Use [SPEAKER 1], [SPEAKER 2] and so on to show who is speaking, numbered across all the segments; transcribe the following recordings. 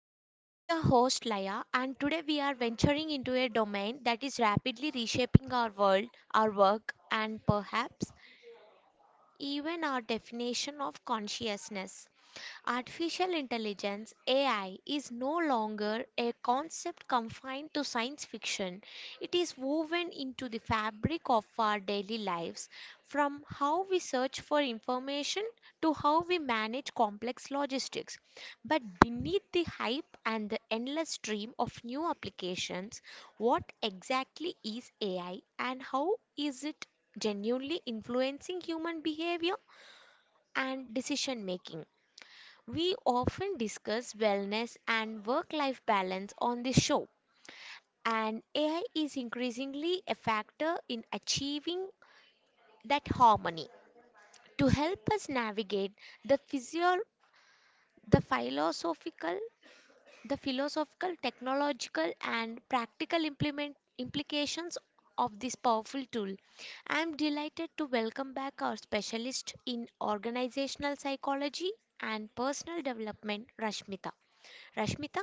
[SPEAKER 1] Hour. I am your host, Laya, and today we are venturing into a domain that is rapidly reshaping our world, our work, and perhaps even our definition of consciousness. Artificial intelligence AI is no longer a concept confined to science fiction. It is woven into the fabric of our daily lives, from how we search for information to how we manage complex logistics. But beneath the hype and the endless stream of new applications, what exactly is AI, and how is it genuinely influencing human behavior and decision making? We often discuss wellness and work life balance on this show, and AI is increasingly a factor in achieving that harmony. To help us navigate the physio- the philosophical The philosophical, technological, and practical implement implications of this powerful tool. I am delighted to welcome back our specialist in organizational psychology and personal development, Rashmita. Rashmita,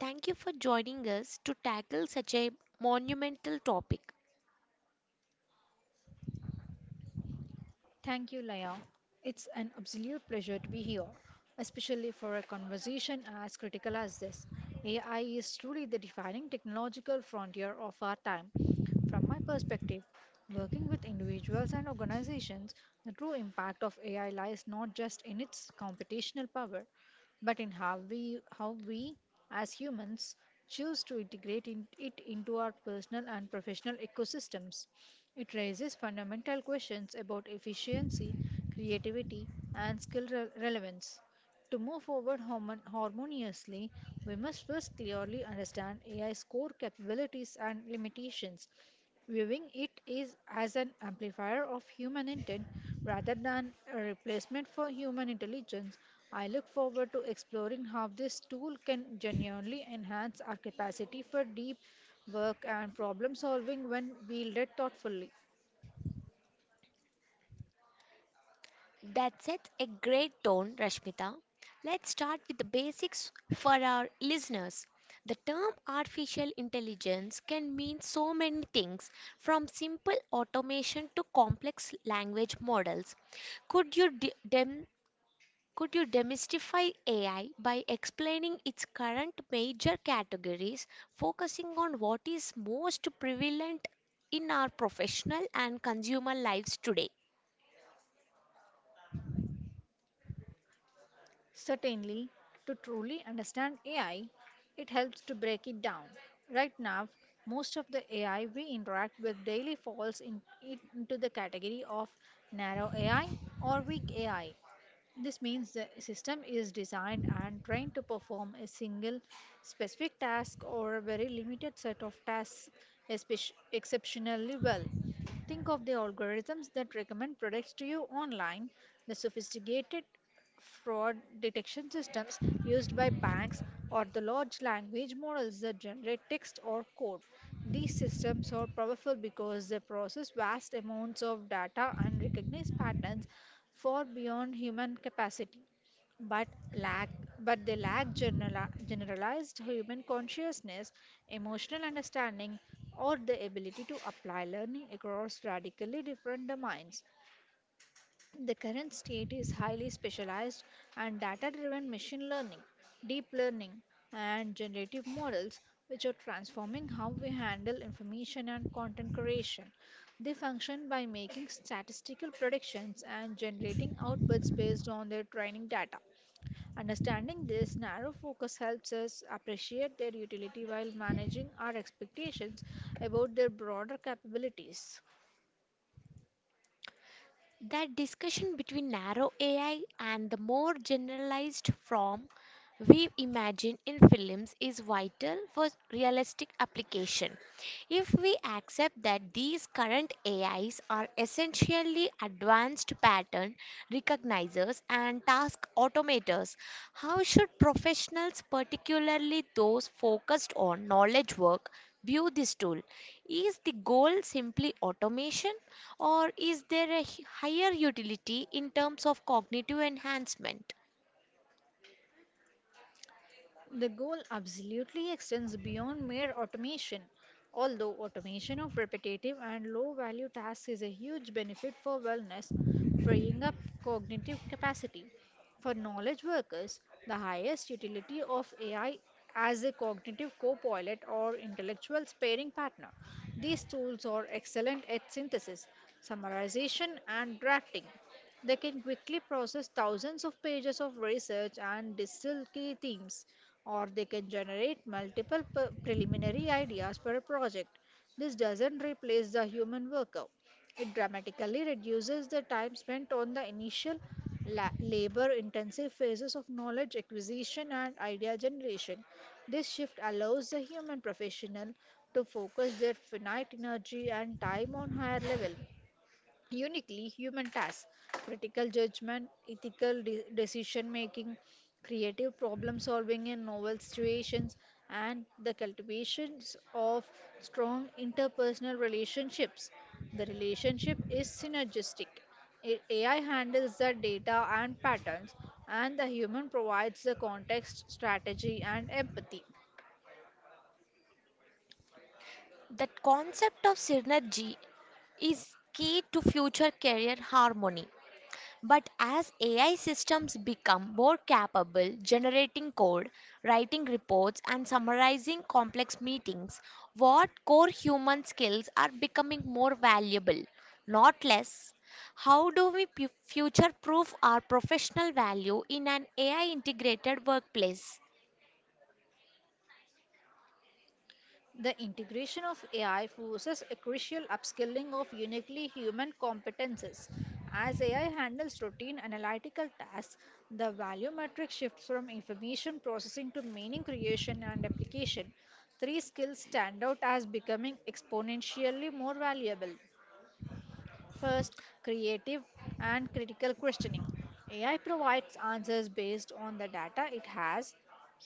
[SPEAKER 1] thank you for joining us to tackle such a monumental topic.
[SPEAKER 2] Thank you, Laya. It's an absolute pleasure to be here, especially for a conversation as critical as this. AI is truly the defining technological frontier of our time. From my perspective, working with individuals and organizations, the true impact of AI lies not just in its computational power, but in how we as humans choose to integrate it into our personal and professional ecosystems. It raises fundamental questions about efficiency, creativity, and skill relevance. To move forward harmoniously, we must first clearly understand AI's core capabilities and limitations, viewing it is as an amplifier of human intent rather than a replacement for human intelligence. I look forward to exploring how this tool can genuinely enhance our capacity for deep work and problem solving when wielded thoughtfully.
[SPEAKER 1] That sets a great tone, Rashmita. Let's start with the basics for our listeners. The term artificial intelligence can mean so many things, from simple automation to complex language models. Could you de- dem- could you demystify AI by explaining its current major categories, focusing on what is most prevalent in our professional and consumer lives today?
[SPEAKER 2] Certainly, to truly understand AI, it helps to break it down. Right now, most of the AI we interact with daily falls into the category of narrow AI or weak AI. This means the system is designed and trained to perform a single specific task or a very limited set of tasks exceptionally well. Think of the algorithms that recommend products to you online, the sophisticated fraud detection systems used by banks, or the large language models that generate text or code. These systems are powerful because they process vast amounts of data and recognize patterns far beyond human capacity but lack but they lack general, generalized human consciousness, emotional understanding, or the ability to apply learning across radically different domains. The current state is highly specialized and data driven: machine learning, deep learning, and generative models, which are transforming how we handle information and content creation. They function by making statistical predictions and generating outputs based on their training data. Understanding this narrow focus helps us appreciate their utility while managing our expectations about their broader capabilities.
[SPEAKER 1] That discussion between narrow AI and the more generalized form we imagine in films is vital for realistic application. If we accept that these current AIs are essentially advanced pattern recognizers and task automators, how should professionals, particularly those focused on knowledge work, view this tool? Is the goal simply automation, or is there a higher utility in terms of cognitive enhancement?
[SPEAKER 2] The goal absolutely extends beyond mere automation. Although automation of repetitive and low value tasks is a huge benefit for wellness, freeing up cognitive capacity. For knowledge workers, the highest utility of AI as a cognitive co pilot or intellectual sparring partner. These tools are excellent at synthesis, summarization, and drafting. They can quickly process thousands of pages of research and distill key themes, or they can generate multiple preliminary ideas per project. This doesn't replace the human worker. It dramatically reduces the time spent on the initial labor intensive phases of knowledge acquisition and idea generation. This shift allows the human professional to focus their finite energy and time on higher level, uniquely human tasks: critical judgment, ethical decision making, creative problem solving in novel situations, and the cultivations of strong interpersonal relationships. The relationship is synergistic. AI handles the data and patterns, and the human provides the context, strategy, and empathy.
[SPEAKER 1] That concept of synergy is key to future career harmony. But as AI systems become more capable generating code, writing reports, and summarizing complex meetings, what core human skills are becoming more valuable, not less? How do we future proof our professional value in an AI integrated workplace?
[SPEAKER 2] The integration of AI forces a crucial upskilling of uniquely human competences. As AI handles routine analytical tasks, the value metric shifts from information processing to meaning creation and application. Three skills stand out as becoming exponentially more valuable. First, creative and critical questioning. AI provides answers based on the data it has.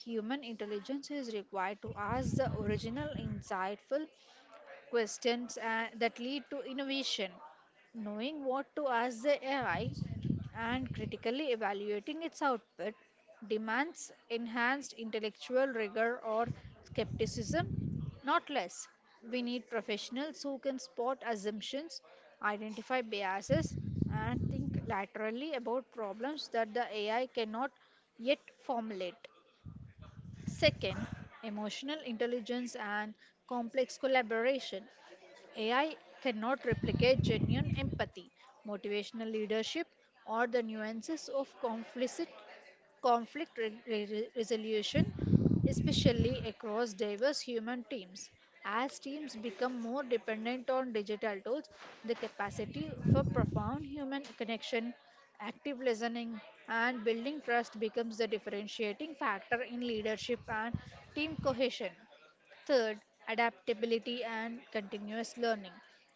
[SPEAKER 2] Human intelligence is required to ask the original, insightful questions that lead to innovation. Knowing what to ask the AI and critically evaluating its output demands enhanced intellectual rigor or skepticism, not less. We need professionals who can spot assumptions, identify biases, and think laterally about problems that the AI cannot yet formulate. Second, emotional intelligence and complex collaboration. AI cannot replicate genuine empathy, motivational leadership, or the nuances of conflict resolution, especially across diverse human teams. As teams become more dependent on digital tools, the capacity for profound human connection, active listening, and building trust becomes the differentiating factor in leadership and team cohesion. Third, adaptability and continuous learning.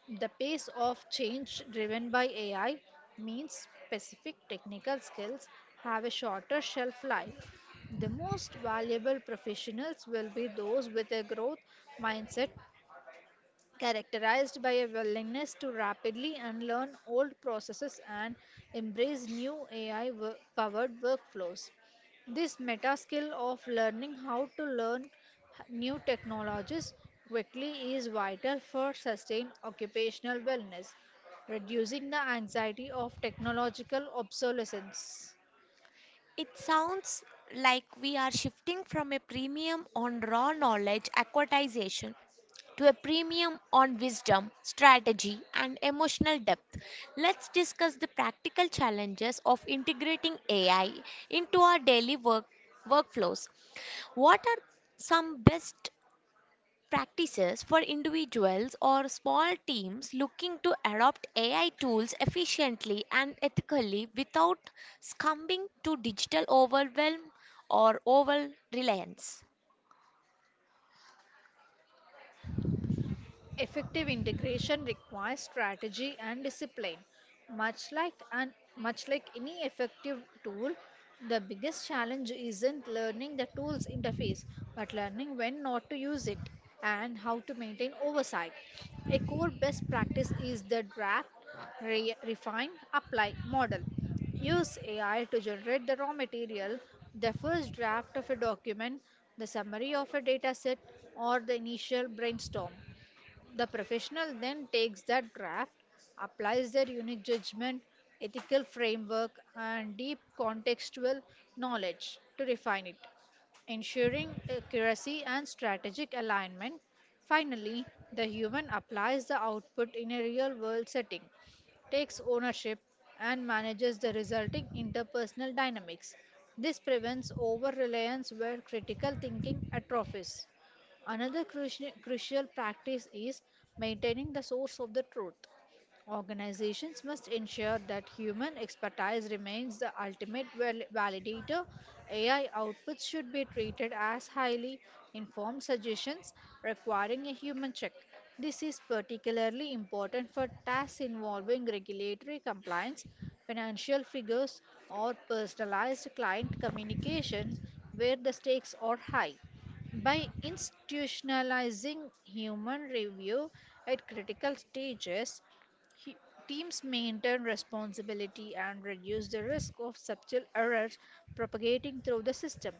[SPEAKER 2] The pace of change driven by AI means specific technical skills have a shorter shelf life. The most valuable professionals will be those with a growth mindset characterized by a willingness to rapidly unlearn old processes and embrace new AI powered workflows. This meta skill of learning how to learn new technologies quickly is vital for sustained occupational wellness, reducing the anxiety of technological obsolescence.
[SPEAKER 1] It sounds like we are shifting from a premium on raw knowledge acquisition to a premium on wisdom, strategy, and emotional depth. Let's discuss the practical challenges of integrating AI into our daily workflows. What are some best practices for individuals or small teams looking to adopt AI tools efficiently and ethically without succumbing to digital overwhelm or over reliance?
[SPEAKER 2] Effective integration requires strategy and discipline. Much like an, much like any effective tool, the biggest challenge isn't learning the tool's interface, but learning when not to use it and how to maintain oversight. A core best practice is the draft, refine, apply model. Use AI to generate the raw material, the first draft of a document, the summary of a dataset, or the initial brainstorm. The professional then takes that draft, applies their unique judgment, ethical framework, and deep contextual knowledge to refine it, ensuring accuracy and strategic alignment. Finally, the human applies the output in a real world setting, takes ownership, and manages the resulting interpersonal dynamics. This prevents over reliance where critical thinking atrophies. Another crucial practice is maintaining the source of the truth. Organizations must ensure that human expertise remains the ultimate validator. AI outputs should be treated as highly informed suggestions requiring a human check. This is particularly important for tasks involving regulatory compliance, financial figures, or personalized client communications where the stakes are high. By institutionalizing human review at critical stages, he- teams maintain responsibility and reduce the risk of subtle errors propagating through the system.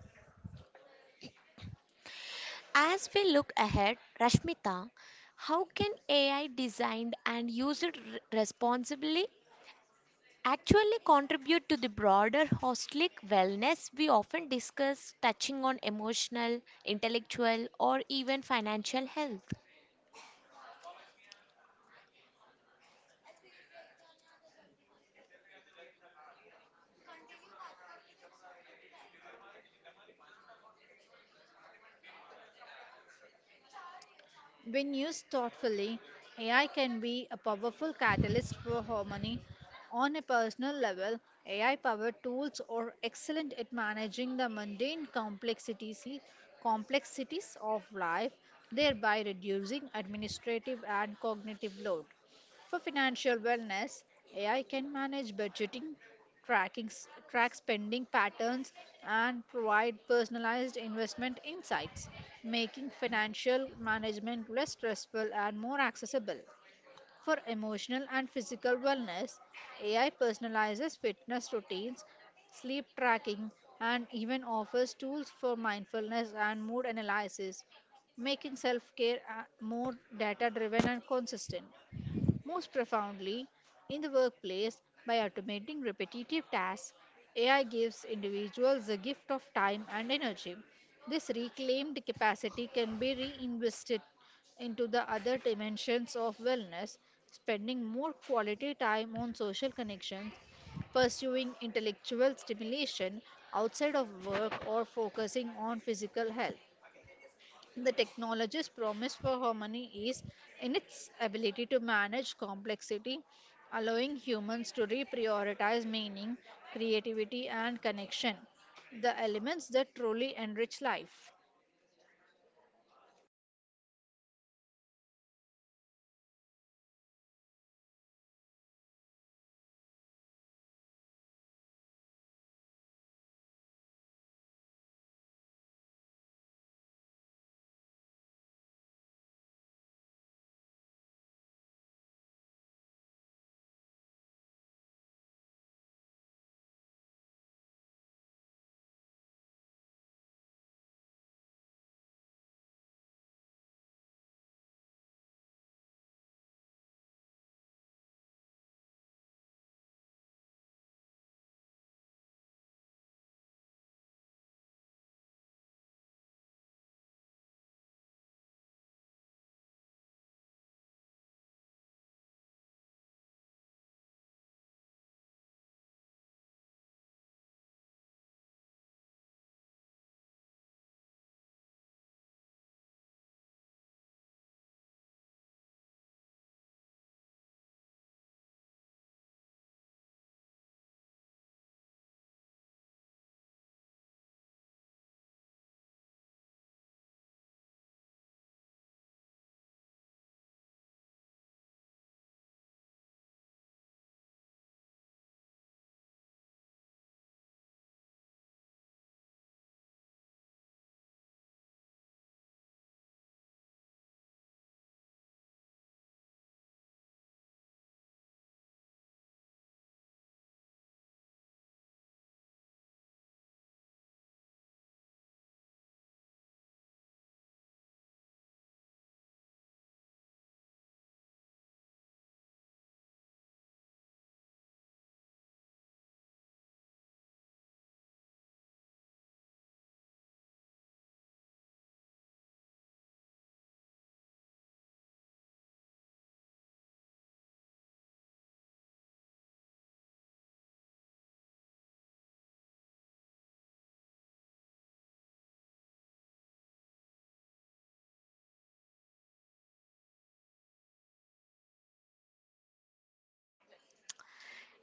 [SPEAKER 1] As we look ahead, Rashmita, how can AI designed and used responsibly actually contribute to the broader holistic wellness we often discuss, touching on emotional, intellectual, or even financial health?
[SPEAKER 2] When used thoughtfully, AI can be a powerful catalyst for harmony. On a personal level, AI powered tools are excellent at managing the complexities of life, thereby reducing administrative and cognitive load. For financial wellness, AI can manage budgeting, track spending patterns, and provide personalized investment insights, making financial management less stressful and more accessible. For emotional and physical wellness, AI personalizes fitness routines, sleep tracking, and even offers tools for mindfulness and mood analysis, making self care more data driven and consistent. Most profoundly, in the workplace, by automating repetitive tasks, AI gives individuals the gift of time and energy. This reclaimed capacity can be reinvested into the other dimensions of wellness, spending more quality time on social connections, pursuing intellectual stimulation outside of work, or focusing on physical health. The technology's promise for harmony is in its ability to manage complexity, allowing humans to reprioritize meaning, creativity, and connection, the elements that truly enrich life.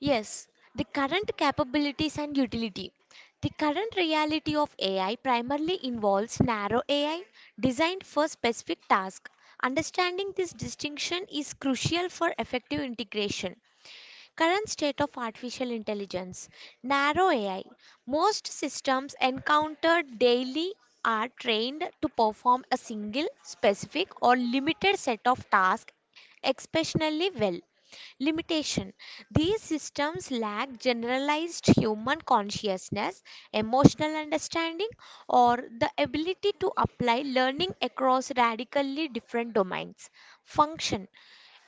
[SPEAKER 1] Yes, the current capabilities and utility. The current reality of AI primarily involves narrow AI designed for specific tasks. Understanding this distinction is crucial for effective integration. Current state of artificial intelligence, narrow AI. Most systems encountered daily are trained to perform a single, specific, or limited set of tasks exceptionally well. Limitation: these systems lack generalized human consciousness, emotional understanding, or the ability to apply learning across radically different domains. Function: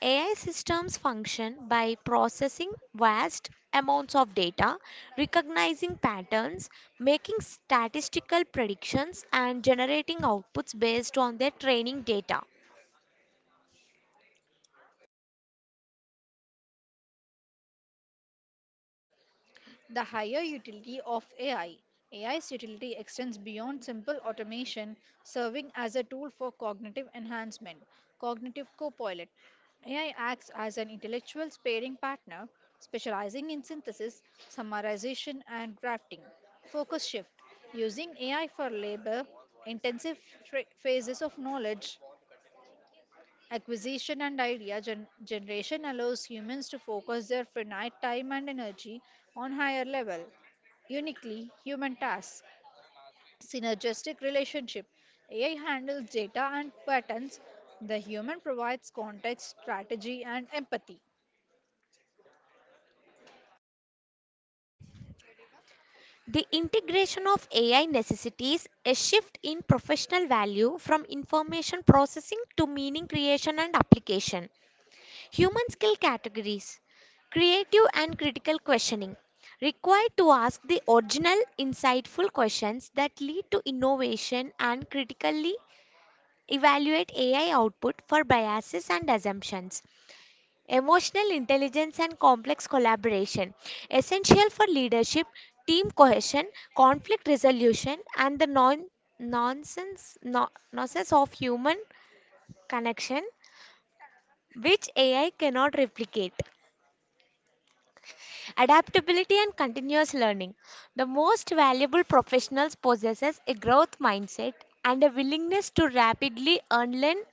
[SPEAKER 1] AI systems function by processing vast amounts of data, recognizing patterns, making statistical predictions, and generating outputs based on their training data.
[SPEAKER 2] The higher utility of AI. AI's utility extends beyond simple automation, serving as a tool for cognitive enhancement, cognitive co-pilot. AI acts as an intellectual sparring partner, specializing in synthesis, summarization, and drafting. Focus shift. Using AI for labor intensive phases of knowledge acquisition and idea generation allows humans to focus their finite time and energy on higher level, uniquely human tasks. Synergistic relationship. AI handles data and patterns. The human provides context, strategy, and empathy.
[SPEAKER 1] The integration of AI necessitates a shift in professional value from information processing to meaning creation and application. Human skill categories: creative and critical questioning required to ask the original insightful questions that lead to innovation and critically evaluate AI output for biases and assumptions. Emotional intelligence and complex collaboration essential for leadership, team cohesion, conflict resolution, and the non nonsense no, nonsense of human connection, which AI cannot replicate. Adaptability and continuous learning. The most valuable professionals possesses a growth mindset and a willingness to rapidly unlearn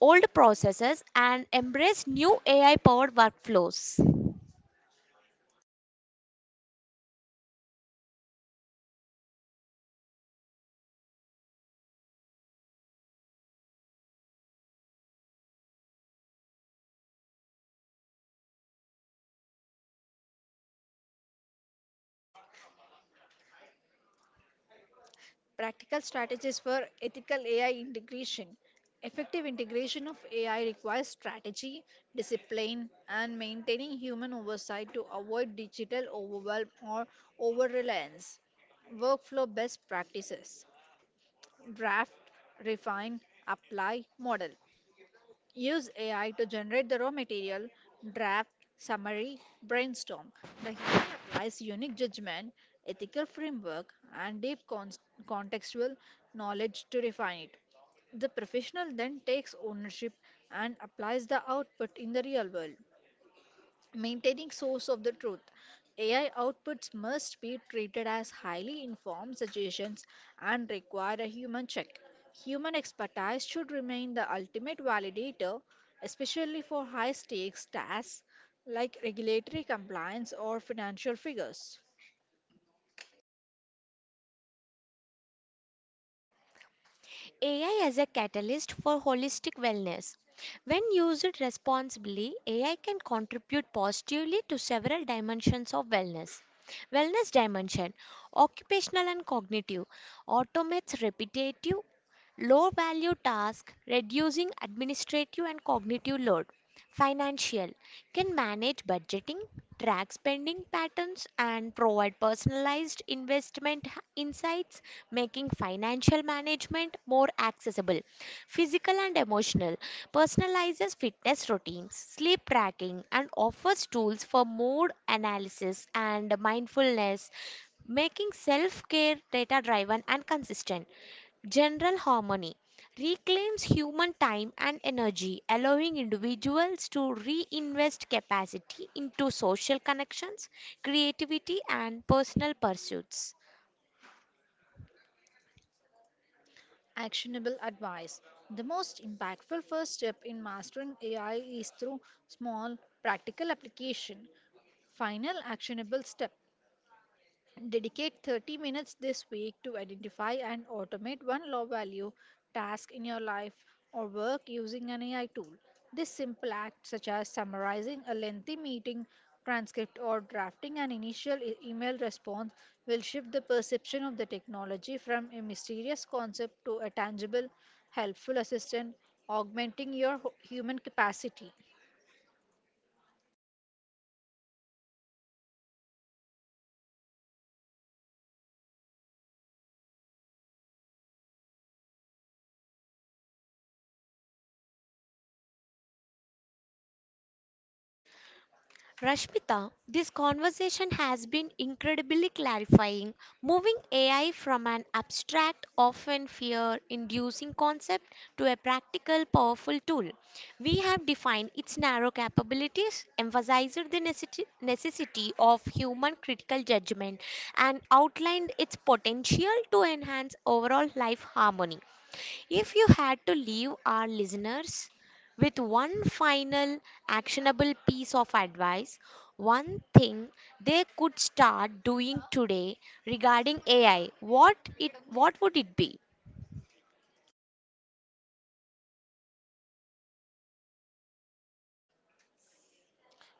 [SPEAKER 1] old processes and embrace new AI powered workflows.
[SPEAKER 2] Practical strategies for ethical AI integration. Effective integration of AI requires strategy, discipline, and maintaining human oversight to avoid digital overwhelm or over reliance. Workflow best practices. Draft, refine, apply, model. Use AI to generate the raw material, draft, summary, brainstorm. The human applies unique judgment, ethical framework, and deep contextual knowledge to refine it. The professional then takes ownership and applies the output in the real world. Maintaining source of the truth. AI outputs must be treated as highly informed suggestions and require a human check. Human expertise should remain the ultimate validator, especially for high stakes tasks like regulatory compliance or financial figures.
[SPEAKER 1] AI as a catalyst for holistic wellness. When used responsibly, AI can contribute positively to several dimensions of wellness. Wellness dimension: occupational and cognitive automates repetitive low value tasks, reducing administrative and cognitive load. Financial: can manage budgeting, track spending patterns, and provide personalized investment insights, making financial management more accessible. Physical and emotional: personalizes fitness routines, sleep tracking, and offers tools for mood analysis and mindfulness, making self care data driven and consistent. General harmony: reclaims human time and energy, allowing individuals to reinvest capacity into social connections, creativity, and personal pursuits.
[SPEAKER 2] Actionable advice. The most impactful first step in mastering AI is through small, practical application. Final actionable step: dedicate 30 minutes this week to identify and automate one low value task in your life or work using an AI tool. This simple act, such as summarizing a lengthy meeting transcript or drafting an initial email response, will shift the perception of the technology from a mysterious concept to a tangible, helpful assistant, augmenting your human capacity.
[SPEAKER 1] Rashmita, this conversation has been incredibly clarifying, moving AI from an abstract, often fear inducing concept to a practical, powerful tool. We have defined its narrow capabilities, emphasized the necessity of human critical judgment, and outlined its potential to enhance overall life harmony. If you had to leave our listeners with one final actionable piece of advice, one thing they could start doing today regarding AI, what would it be?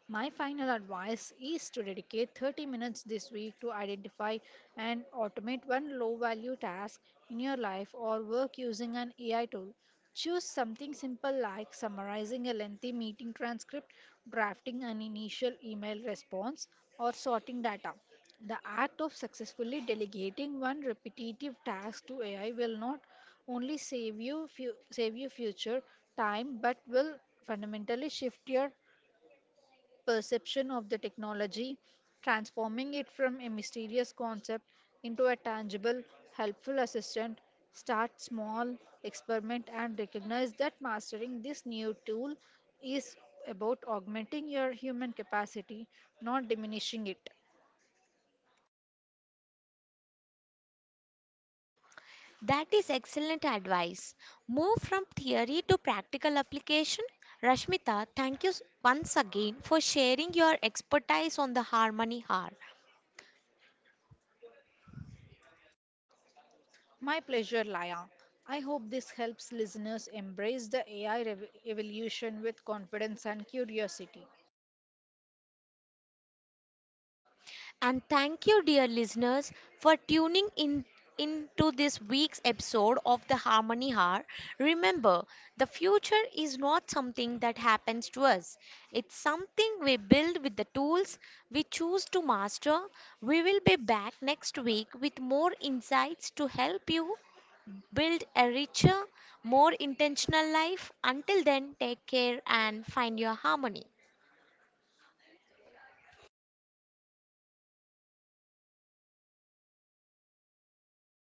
[SPEAKER 2] My final advice is to dedicate 30 minutes this week to identify and automate one low value task in your life or work using an AI tool. Choose something simple like summarizing a lengthy meeting transcript, drafting an initial email response, or sorting data. The act of successfully delegating one repetitive task to AI will not only save you future time but will fundamentally shift your perception of the technology, transforming it from a mysterious concept into a tangible, helpful assistant. Start small, experiment, and recognize that mastering this new tool is about augmenting your human capacity, not diminishing it.
[SPEAKER 1] That is excellent advice. Move from theory to practical application. Rashmita, thank you once again for sharing your expertise on the Harmony Hour.
[SPEAKER 2] My pleasure, Laya. I hope this helps listeners embrace the AI evolution with confidence and curiosity.
[SPEAKER 1] And thank you, dear listeners, for tuning in into this week's episode of the Harmony Hour. Remember, the future is not something that happens to us. It's something we build with the tools we choose to master. We will be back next week with more insights to help you build a richer, more intentional life. Until then, take care and find your harmony.